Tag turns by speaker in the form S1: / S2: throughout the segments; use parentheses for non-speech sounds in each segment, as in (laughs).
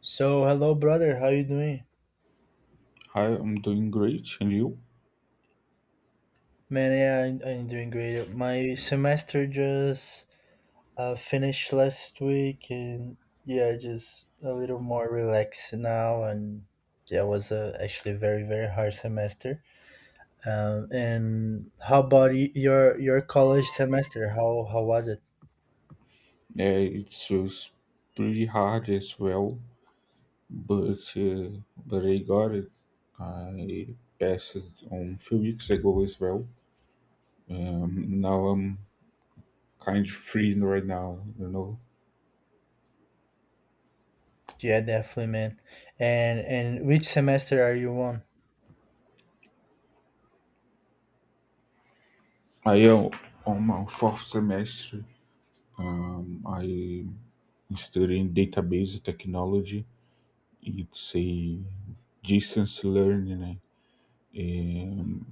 S1: So, hello, brother. How you doing?
S2: Hi, I'm doing great, and you?
S1: Man, yeah, I'm doing great. My semester just finished last week, and yeah, just a little more relaxed now. And yeah, it was actually very, very hard semester. And how about your college semester? How was it?
S2: It's pretty hard as well, but uh, but I got it. I passed it on few weeks ago as well. Now I'm kind of free right now. You know,
S1: Yeah, definitely, man. And which semester are you on?
S2: I am on my fourth semester. I studying database technology. It's a distance learning. Né? Um,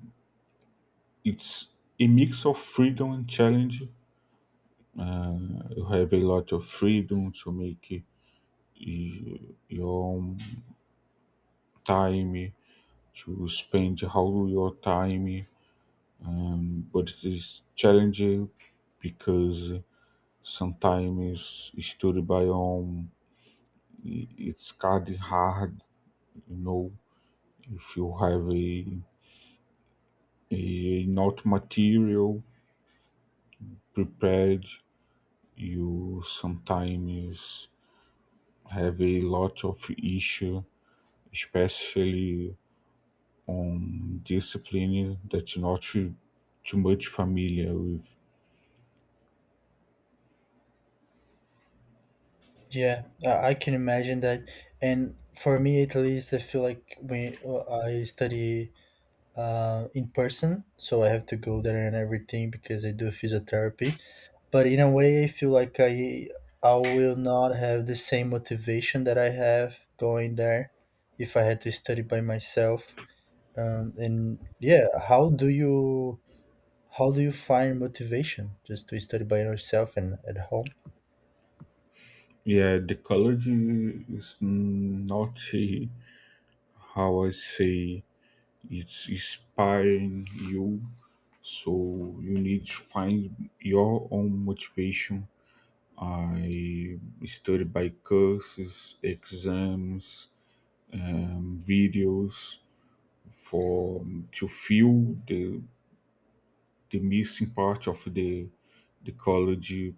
S2: it's a mix of freedom and challenge. Eh, you have a lot of freedom to make uh, your own time, to spend how your time. But it is challenging because sometimes study by home it's kind of hard, you know, if you have a not material prepared, you sometimes have a lot of issue, especially discipline that not too much familiar with.
S1: Yeah, I can imagine that. And for me, at least, I feel like we I study in person, so I have to go there and everything because I do physiotherapy. But in a way, I feel like I will not have the same motivation that I have going there if I had to study by myself. And yeah, how do you find motivation just to study by yourself and at home?
S2: Yeah, the college is not how I say it's inspiring you, so you need to find your own motivation. I study by courses, exams, videos for to fill the missing part of the college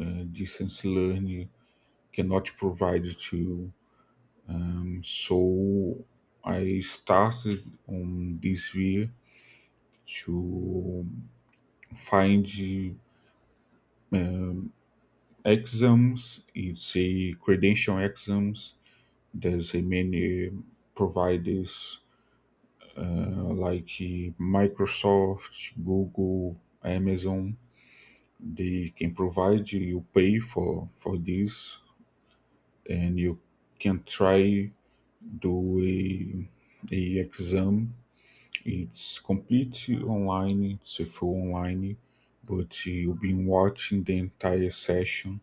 S2: distance learning cannot provide to you. So I started on this way to find exams. It's a credential exams. There's a many providers like Microsoft, Google, Amazon. They can provide you. You pay for this, and you can try do a exam. It's completely online, it's a full online, but you've been watching the entire session.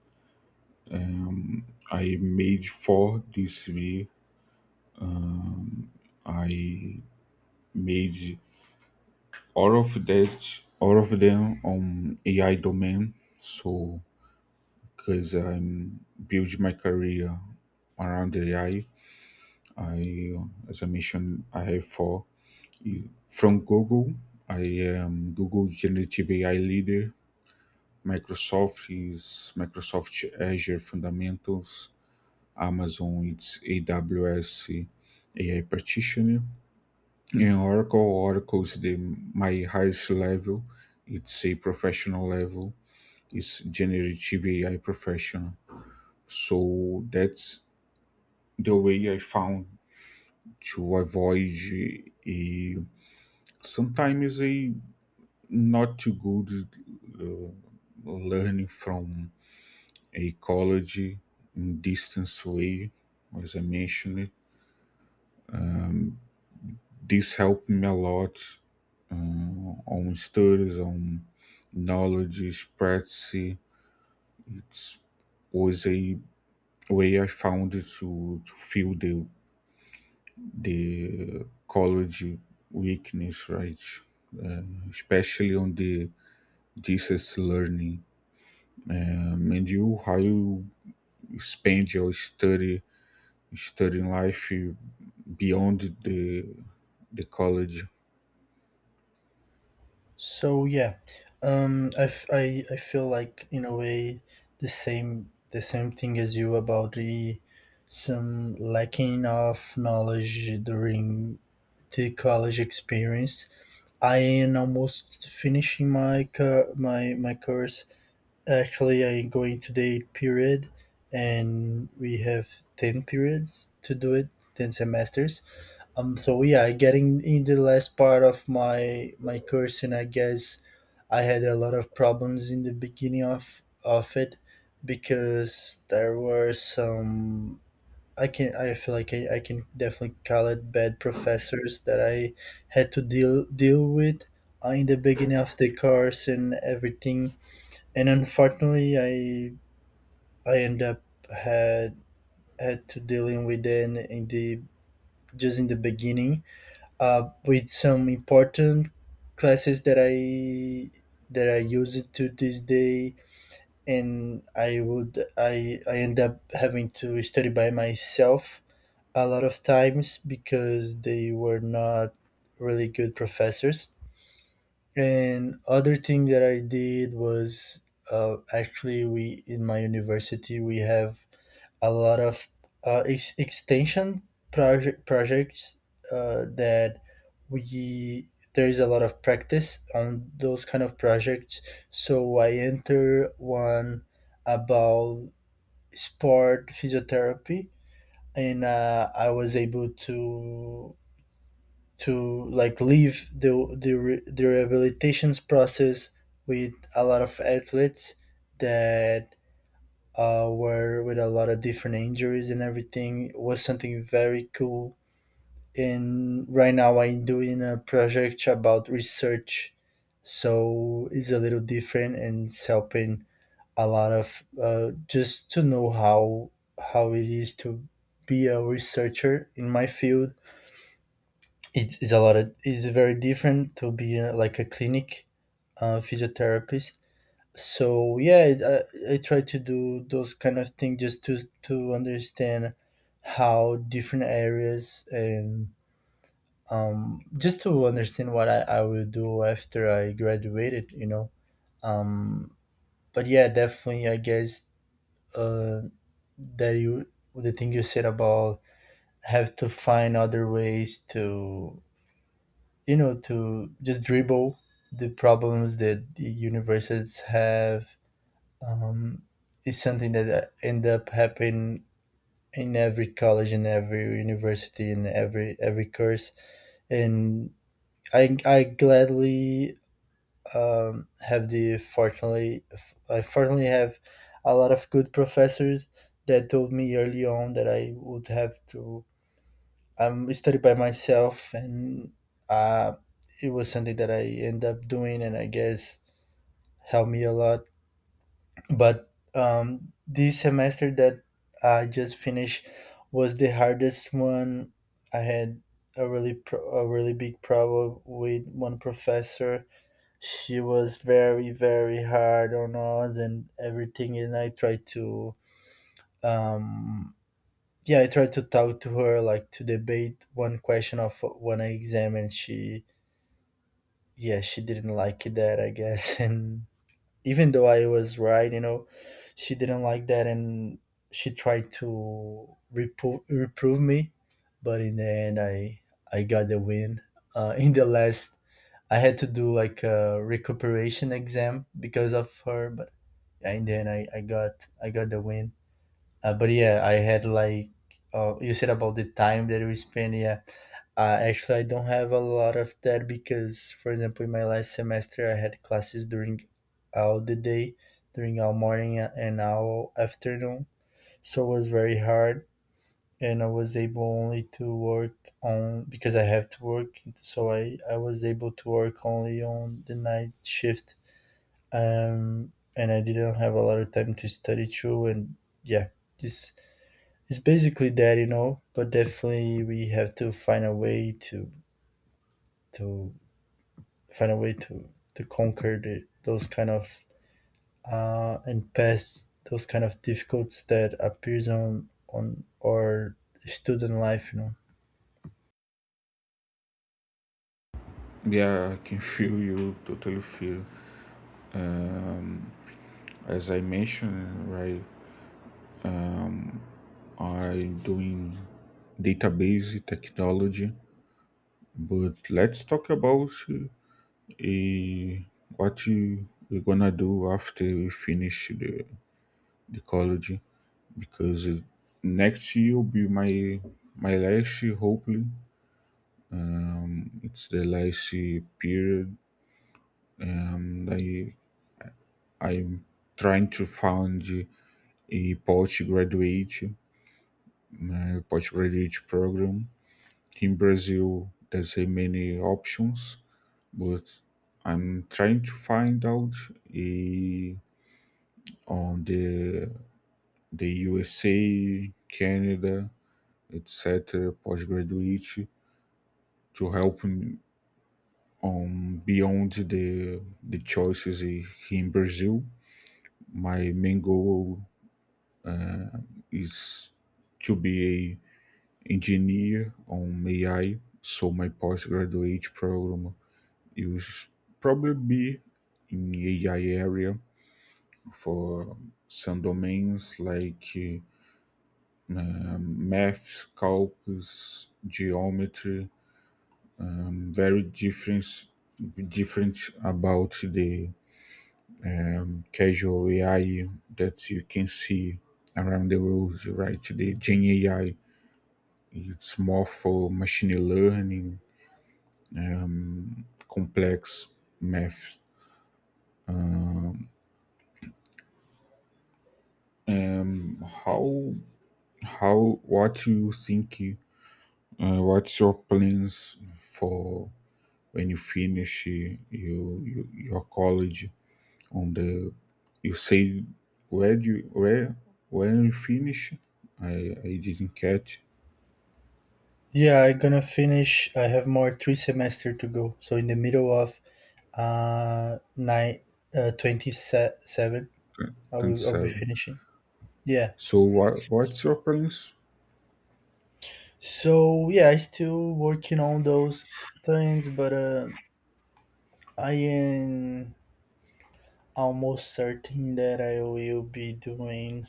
S2: Um, I made four this video. Um, I made all of them on AI domain. So, because I'm building my career around AI, I, as I mentioned, I have four from Google. I am Google Generative AI leader. Microsoft, Microsoft Azure Fundamentals, Amazon AWS AI Practitioner, and Oracle. Oracle is the my highest level. It's a professional level. It's generative AI professional. So that's the way I found to avoid a sometimes a not too good uh, learning from ecology in distance way, as I mentioned. This helped me a lot on studies, on knowledge, practice. It was a way I found to feel the college weakness, right? Uh, Especially on the distance learning. And you, how you spend your study, studying life beyond the college?
S1: So yeah, I feel like, in a way, the same thing as you, about the some lacking of knowledge during the college experience. I am almost finishing my cu- my course. Actually, I am going to the eighth period, and we have 10 periods to do it, 10 semesters, so yeah, getting in the last part of my course, and I guess I had a lot of problems in the beginning of it, because there were some. I feel like I can definitely call it bad professors that I had to deal with, in the beginning of the course and everything. And unfortunately, I end up had had to dealing with them in the just in the beginning, with some important classes that I use it to this day, and I would I end up having to study by myself a lot of times because they were not really good professors. And other thing that I did was, actually, we in my university we have a lot of, extension projects, that we there is a lot of practice on those kind of projects. So I enter one about sport physiotherapy, and I was able to like, leave the rehabilitations process with a lot of athletes that, were with a lot of different injuries, and everything. It was something very cool. And right now I'm doing a project about research, so it's a little different, and it's helping a lot of, just to know how it is to be a researcher in my field. It is a lot of it's very different to be, like, a clinic, physiotherapist. So yeah, I try to do those kind of things just to understand how different areas, and just to understand what I will do after I graduated. um but yeah, definitely, I guess, uh that you the thing you said about have to find other ways to to just dribble the problems that the universities have. um, it's something that, end up happening in every college, in every university, in every course. And I gladly, have the fortunately, I fortunately have a lot of good professors that told me early on that I would have to, study by myself, and uh, it was something that I end up doing, and I guess helped me a lot. But this semester that I just finished was the hardest one. I had a really big problem with one professor. She was very, very hard on us and everything, and I tried to, um, yeah, I tried to talk to her, like, to debate one question of one exam. And she didn't like that I guess (laughs) and even though I was right, you know, she didn't like that, and she tried to reprove me. But in the end, I got the win. In the last, I had to do like a recuperation exam because of her. But in the end, I got the win. But yeah, I had like you said about the time that we spent. Yeah, actually, I don't have a lot of that because, for example, in my last semester, I had classes during all the day, during all morning and all afternoon. So it was very hard, and I was able only to work on because I have to work. So I was able to work only on the night shift, And I didn't have a lot of time to study too. And yeah, it's it's basically that. But definitely, we have to find a way to find a way to to conquer the, those kind of and pass those kind of difficulties that appears on our student life.
S2: Yeah, I can feel you, totally feel. As I mentioned, right, I'm doing database technology, but let's talk about what you we're gonna do after we finish the college, because next year will be my last year, hopefully. It's the last year period, and I'm trying to find a post graduate. My postgraduate program. In Brazil, there's a many options, but I'm trying to find out eh, on the USA, Canada, etc. Postgraduate to help me on beyond the choices in Brazil. My main goal is to be a engineer on AI, so my postgraduate program you should probably be in AI area for some domains like math, calculus, geometry, very different different about the casual AI that you can see around the world, right? The Gen AI, it's more for machine learning, um, complex math. Um, how How what you think you what's your plans for when you finish you your college on the you say where do you where when you finish, I I didn't catch.
S1: Yeah, I'm gonna finish. I have more 3 semester to go, so in the middle of nine 27, I'll be
S2: 27,
S1: finishing. Yeah.
S2: so what what's your plans?
S1: So yeah, I still working on those things, but I am almost certain that I will be doing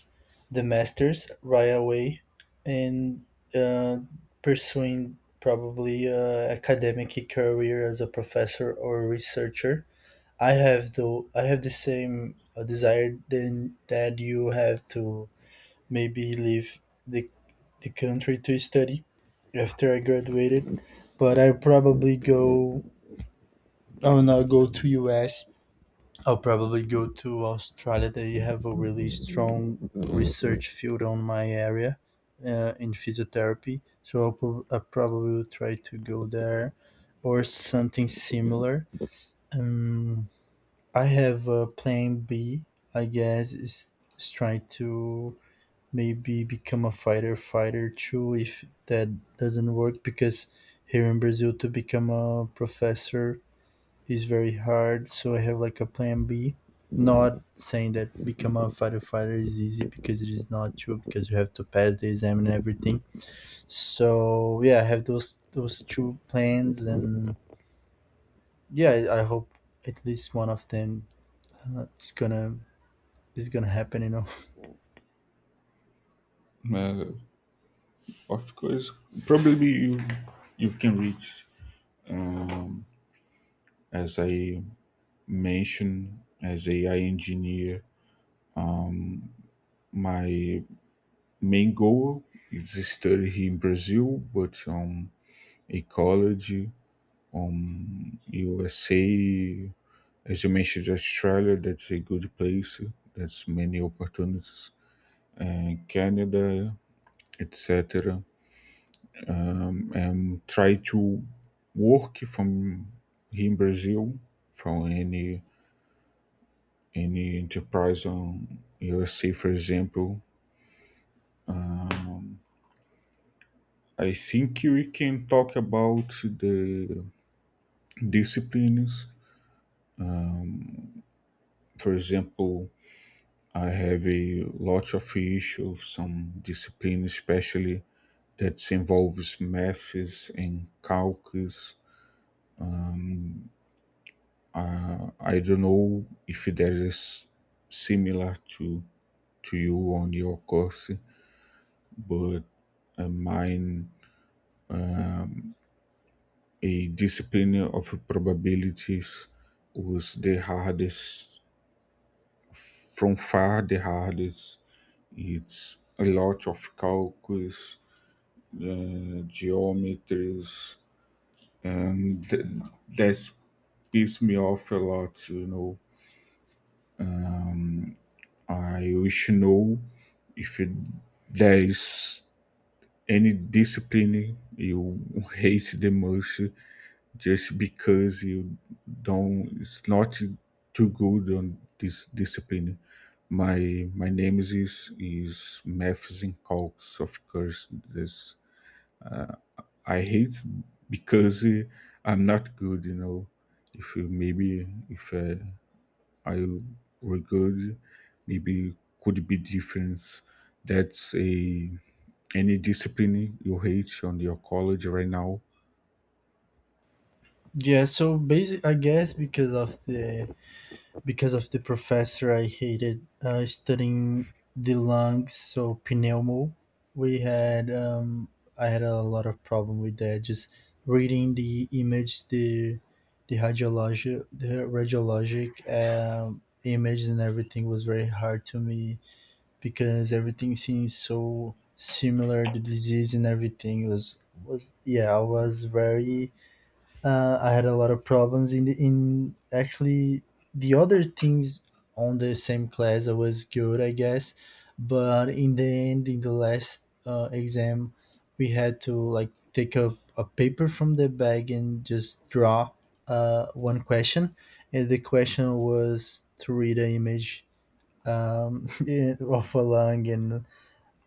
S1: the masters right away, and uh, pursuing probably a academic career as a professor or researcher. I have the same, desire then that you have, to maybe leave the, the country to study after I graduated, but I will not go to US. I'll probably go to Australia. They have a really strong research field on my area, in physiotherapy. So I probably will try to go there or something similar. Um, I have a plan B, I guess, is trying to maybe become a fighter too, if that doesn't work, because here in Brazil to become a professor he's very hard. So I have like a plan B, not saying that become a firefighter is easy, because it is not true, because you have to pass the exam and everything. So yeah, I have those two plans, and yeah, I hope at least one of them, it's gonna is gonna happen.
S2: uh, of course probably you you can reach, as I mentioned, as AI engineer. My Mengoa is studied in Brazil, but a college, USA, as you mentioned, Australia, that's a good place. That's many opportunities. And Canada, etc. And try to work from here in Brazil, from any enterprise on USA, for example. I think we can talk about the disciplines. For example, I have a lot of issues some discipline, especially that involves maths and calculus. I don't know if there is similar to you on your course, but mine a discipline of probabilities was the hardest, from far the hardest. It's a lot of calculus, geometries, and that's pissed me off a lot. You know, I wish to know if it, there is any discipline you hate the most just because you don't. It's not too good on this discipline. My my name is Maths and Calcs, of course. This I hate because I'm not good. You know, if you maybe if I I regard maybe could be difference. That's a any discipline you hate on your college right now.
S1: (laughs) Yeah, so basic, I guess, because of the professor, I hated, studying the lungs, so pneumo. We had I had a lot of problem with that. Just reading the image, the hydrologic, the radiologic, image and everything was very hard to me because everything seems so similar. The disease and everything was. I was very I had a lot of problems in the in, actually, the other things on the same class I was good, I guess. But in the end, in the last, exam, we had to, like, take a paper from the bag and just draw, one question. And the question was to read an image, um, (laughs) of a lung. And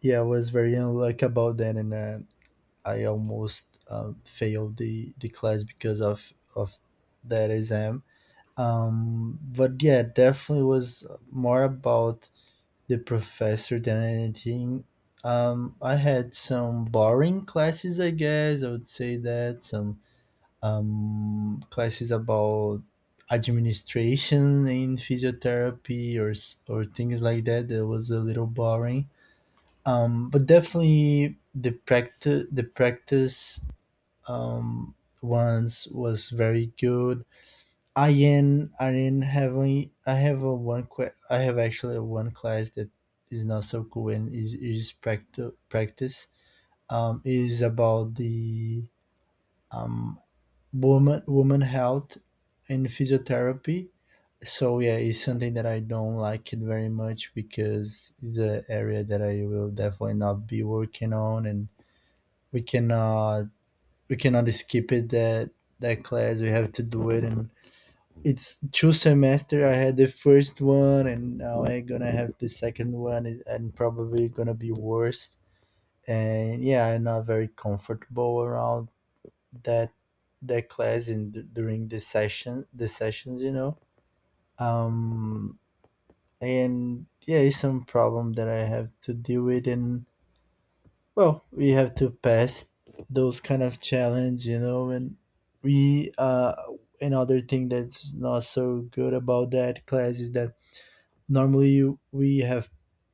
S1: yeah, I was very unlucky about that. And I almost, failed the class because of that exam. But yeah, definitely was more about the professor than anything. I had some boring classes, I guess I would say. That some, classes about administration in physiotherapy, or things like that, that was a little boring. But definitely the practice, um, once, was very good. I am having I have a one que- I have actually a one class that is not so cool, and is practice, is about the, um, woman health and physiotherapy. So yeah, it's something that I don't like it very much because it's an area that I will definitely not be working on, and we cannot we cannot skip it. That class we have to do it, and it's two semester. I had the first one, and now I'm gonna have the second one, probably gonna be worse. And yeah, I'm not very comfortable around that that class, in during the sessions. um and yeah, it's some problem that I have to deal with. And, well, we have to pass those kind of challenge, and we another thing that's not so good about that class is that normally we have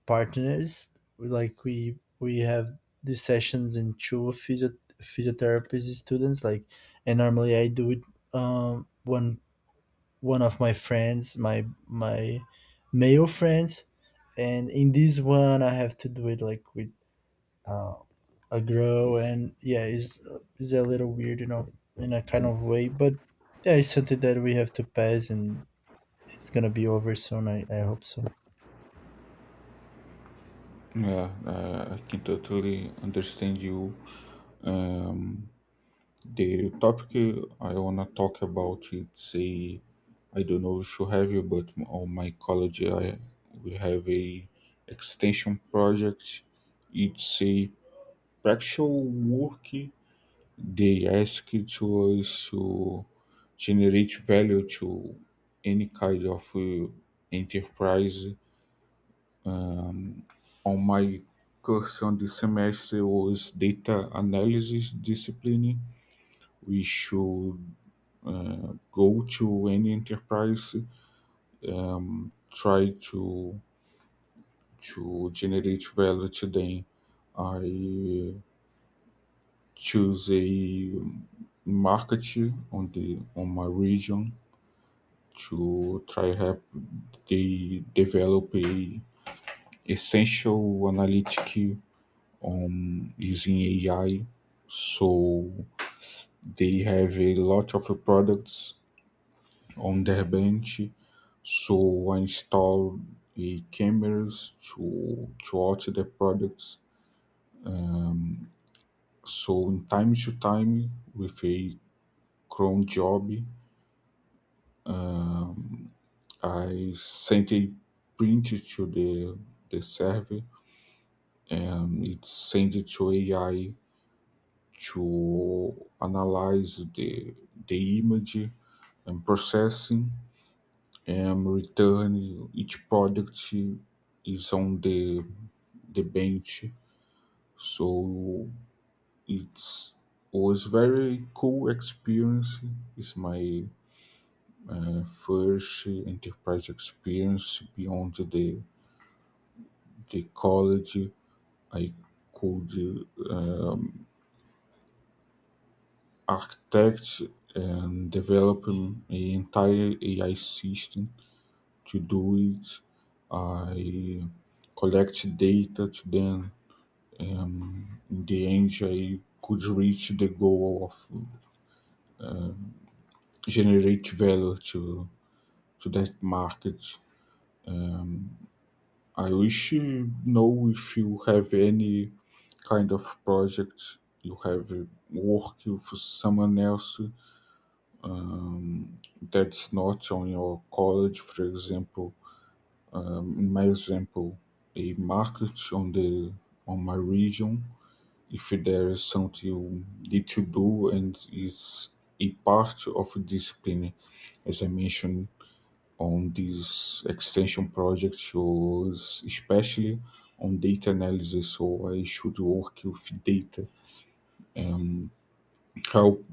S1: partners, like, we have the sessions in two physiotherapy students, like, and normally I do it, um one one of my friends, my male friends, and in this one I have to do it, like, with, um Aggro, and is a little weird, in a kind of way. But yeah, it's something that we have to pass, and it's gonna be over soon, I hope so.
S2: Yeah, I can totally understand you. Um, the topic I wanna talk about it's a I don't know if you have it, but on my college I we have a extension project. It's a practical work. They ask to us to generate value to any kind of enterprise. On my course on the semester was data analysis discipline. We should go to any enterprise, try to generate value to them. I choose a market on the on my region to try help they develop a essential analytic on using AI. So they have a lot of products on their bench. So I install a cameras to watch the products. So in time to time with a Chrome job, I sent a print to the server and it sent it to AI to analyze the image and processing, and return each product is on the bench. So it's was very cool experience, it's my first enterprise experience beyond the college. I could architect and develop an entire AI system to do it. I collect data to then. In the end, I could reach the goal of generate value to that market. I wish you know if you have any kind of project you have work for someone else that's not on your college, for example. In my example, a market on the on my region, if there is something you need to do and is a part of discipline as I mentioned, on this extension project was especially on data analysis, so I should work with data and help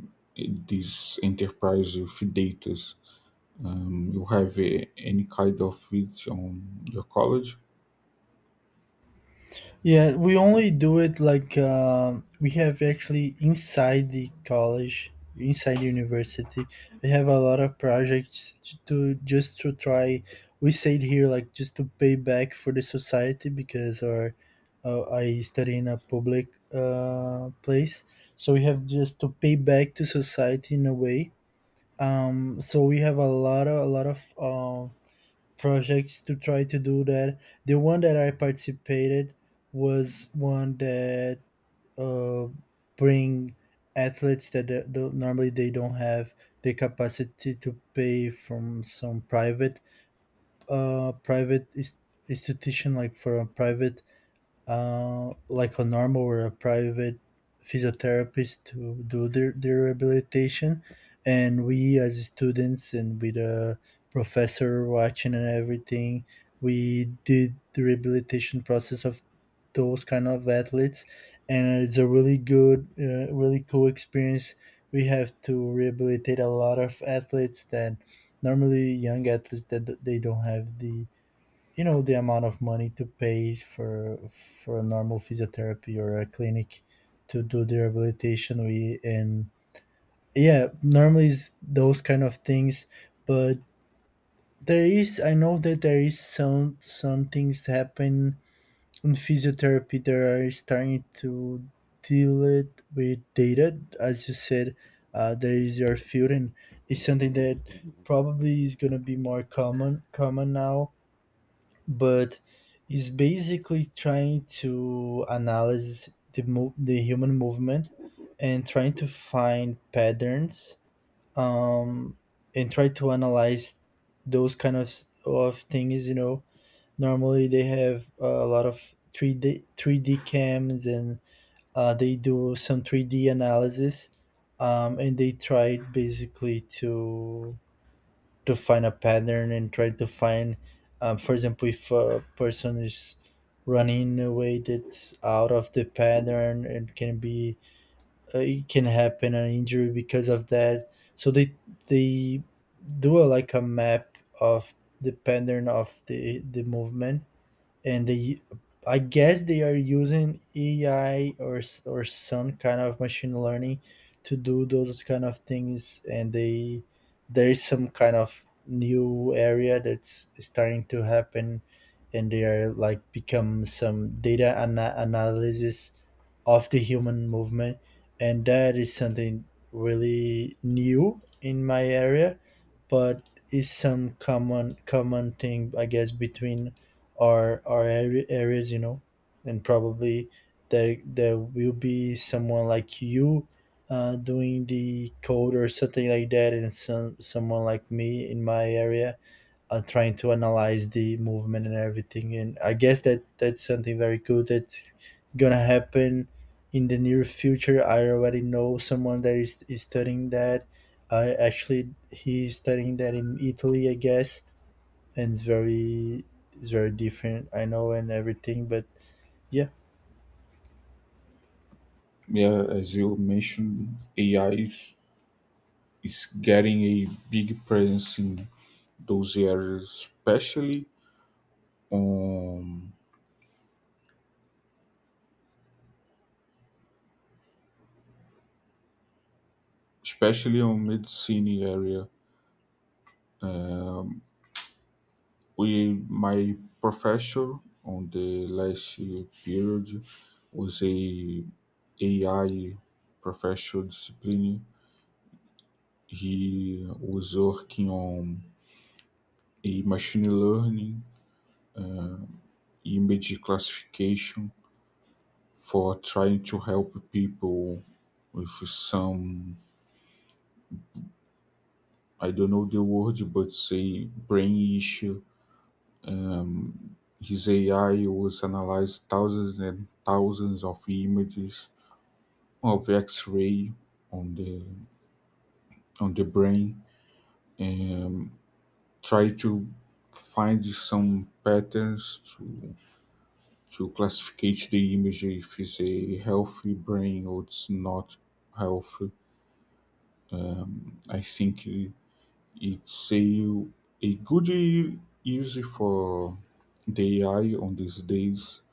S2: this enterprise with data. You have any kind of it on your college?
S1: Yeah, we only do it, like, we have actually inside the college, inside the university. We have a lot of projects to do just to try. We say it here like just to pay back for the society because our I study in a public place, so we have just to pay back to society in a way. So we have a lot of projects to try to do that. The one that I participated was one that uh, bring athletes that normally they don't have the capacity to pay from some private uh, private is- institution like for a private like a normal or a private physiotherapist to do their rehabilitation. And we, as students, and with a professor watching and everything, we did the rehabilitation process of those kind of athletes. And it's a really good, really cool experience. We have to rehabilitate a lot of athletes that normally young athletes that they don't have the the amount of money to pay for a normal physiotherapy or a clinic to do the rehabilitation we and yeah, normally is those kind of things. But there is, I know that there is some things happen in physiotherapy that are starting to deal it with data as you said. There is your field, and it's something that probably is going to be more common now, but is basically trying to analyze the human movement and trying to find patterns, um, and try to analyze those kind of things. You know, normally they have a lot of three D cams, and they do some three D analysis, and they try basically to find a pattern and try to find, for example, if a person is running in a way that's out of the pattern and can be it can happen an injury because of that. So they do a, like a map of the pattern of the movement, and they I guess they are using AI or some kind of machine learning to do those kind of things, and they there is some kind of new area that's starting to happen, and they are like become some data analysis of the human movement. And that is something really new in my area, but is some common thing, I guess, between our area, areas, you know. And probably there will be someone like you, doing the code or something like that, and someone like me in my area, trying to analyze the movement and everything. And I guess that that's something very good that's gonna happen in the near future. I already know someone that is studying that. I actually he's studying that in Italy, I guess. And it's very, it's very different, I know, and everything, but yeah.
S2: Yeah, as you mentioned, AI is getting a big presence in those areas, especially on medicine area. We my professor on the last year period was a AI professor discipline. He was working on a machine learning uh, image classification for trying to help people with some I don't know the word, but say brain issue. Um, his AI was analyzed thousands and thousands of images of X-ray on the on the brain and try to find some patterns to classificate the image if it's a healthy brain or it's not healthy. I think it's a good use for the AI on these days.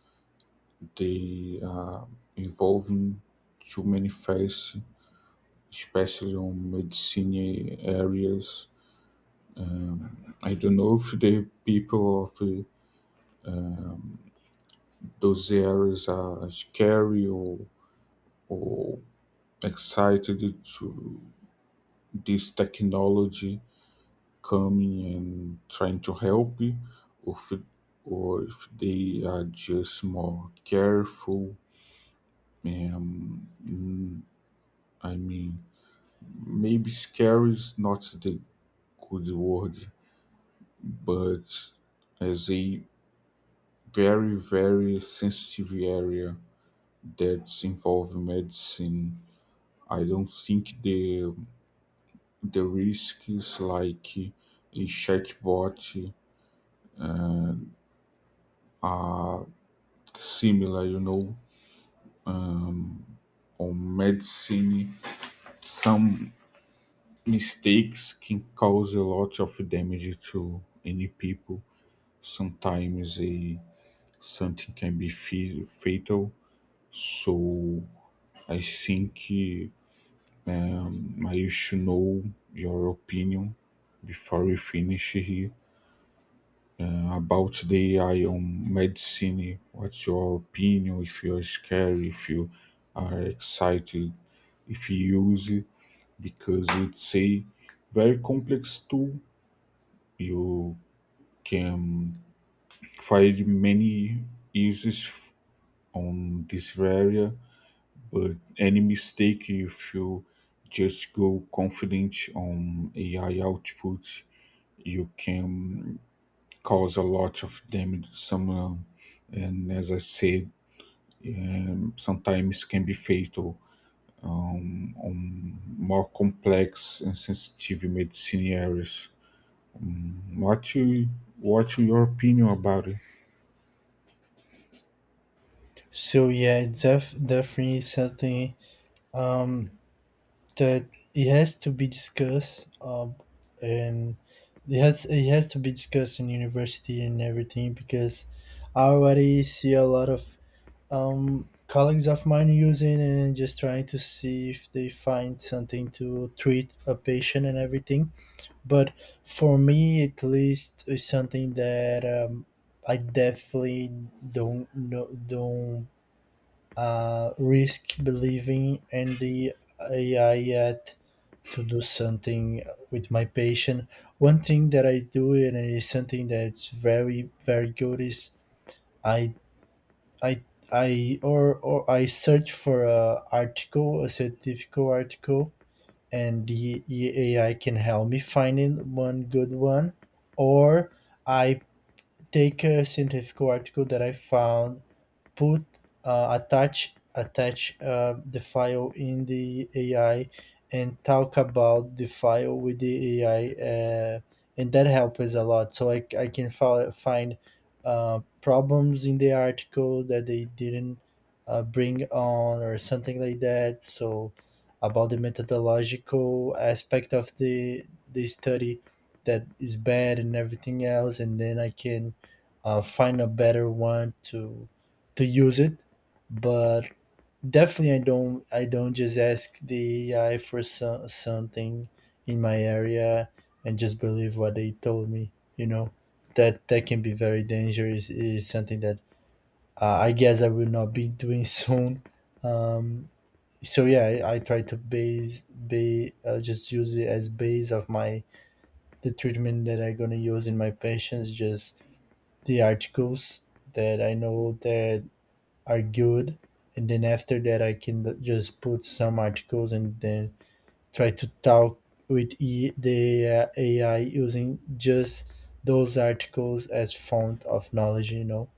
S2: They are evolving to many fields, especially on medicine areas. Um, I don't know if the people of those areas are scary or excited to this technology coming and trying to help you, or if, or if they are just more careful, and I mean maybe scary is not the good word, but as a very very sensitive area that's involved in medicine, I don't think the risk is like a chatbot uh, are similar, you know. Or medicine, some mistakes can cause a lot of damage to any people. Sometimes a something can be fatal. So I think I should know your opinion before we finish here about the AI on medicine. What's your opinion? If you're scared, if you are excited, if you use it, because it's a very complex tool. You can find many uses on this area, but any mistake if you just go confident on AI output, you can cause a lot of damage to someone. And as I said, sometimes can be fatal on more complex and sensitive medicine areas. What you, what's your opinion about it?
S1: So yeah, it's definitely something, um that it has to be discussed, and it has to be discussed in university and everything, because I already see a lot of colleagues of mine using and just trying to see if they find something to treat a patient and everything. But for me, at least, is something that I definitely don't know, don't risk believing in the AI yet to do something with my patient. One thing that I do and it is something that's very very good is I I I or I search for a article, a scientific article, and the AI can help me finding one good one, or I take a scientific article that I found, put attach the file in the AI and talk about the file with the AI, uh, and that helps us a lot. So I can find problems in the article that they didn't bring on or something like that. So about the methodological aspect of the study that is bad and everything else, and then I can find a better one to use it. But definitely I don't just ask the AI for something in my area and just believe what they told me. You know that that can be very dangerous. Is something that I guess I will not be doing (laughs) soon. Um, so yeah, I try to base be just use it as base of my the treatment that I'm gonna use in my patients. Just the articles that I know that are good, and then after that I can just put some articles and then try to talk with the AI using just those articles as font of knowledge, you know.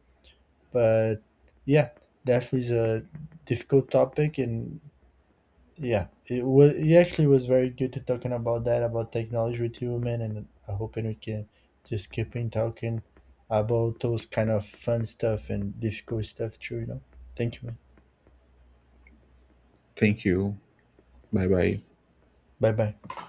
S1: But yeah, definitely is a difficult topic. And yeah, it was, it actually was very good to talking about that, about technology with you, man, and I hoping we can just keep in talking about those kind of fun stuff and difficult stuff too, you know. Thank you, man.
S2: Thank you. Bye bye.
S1: Bye bye.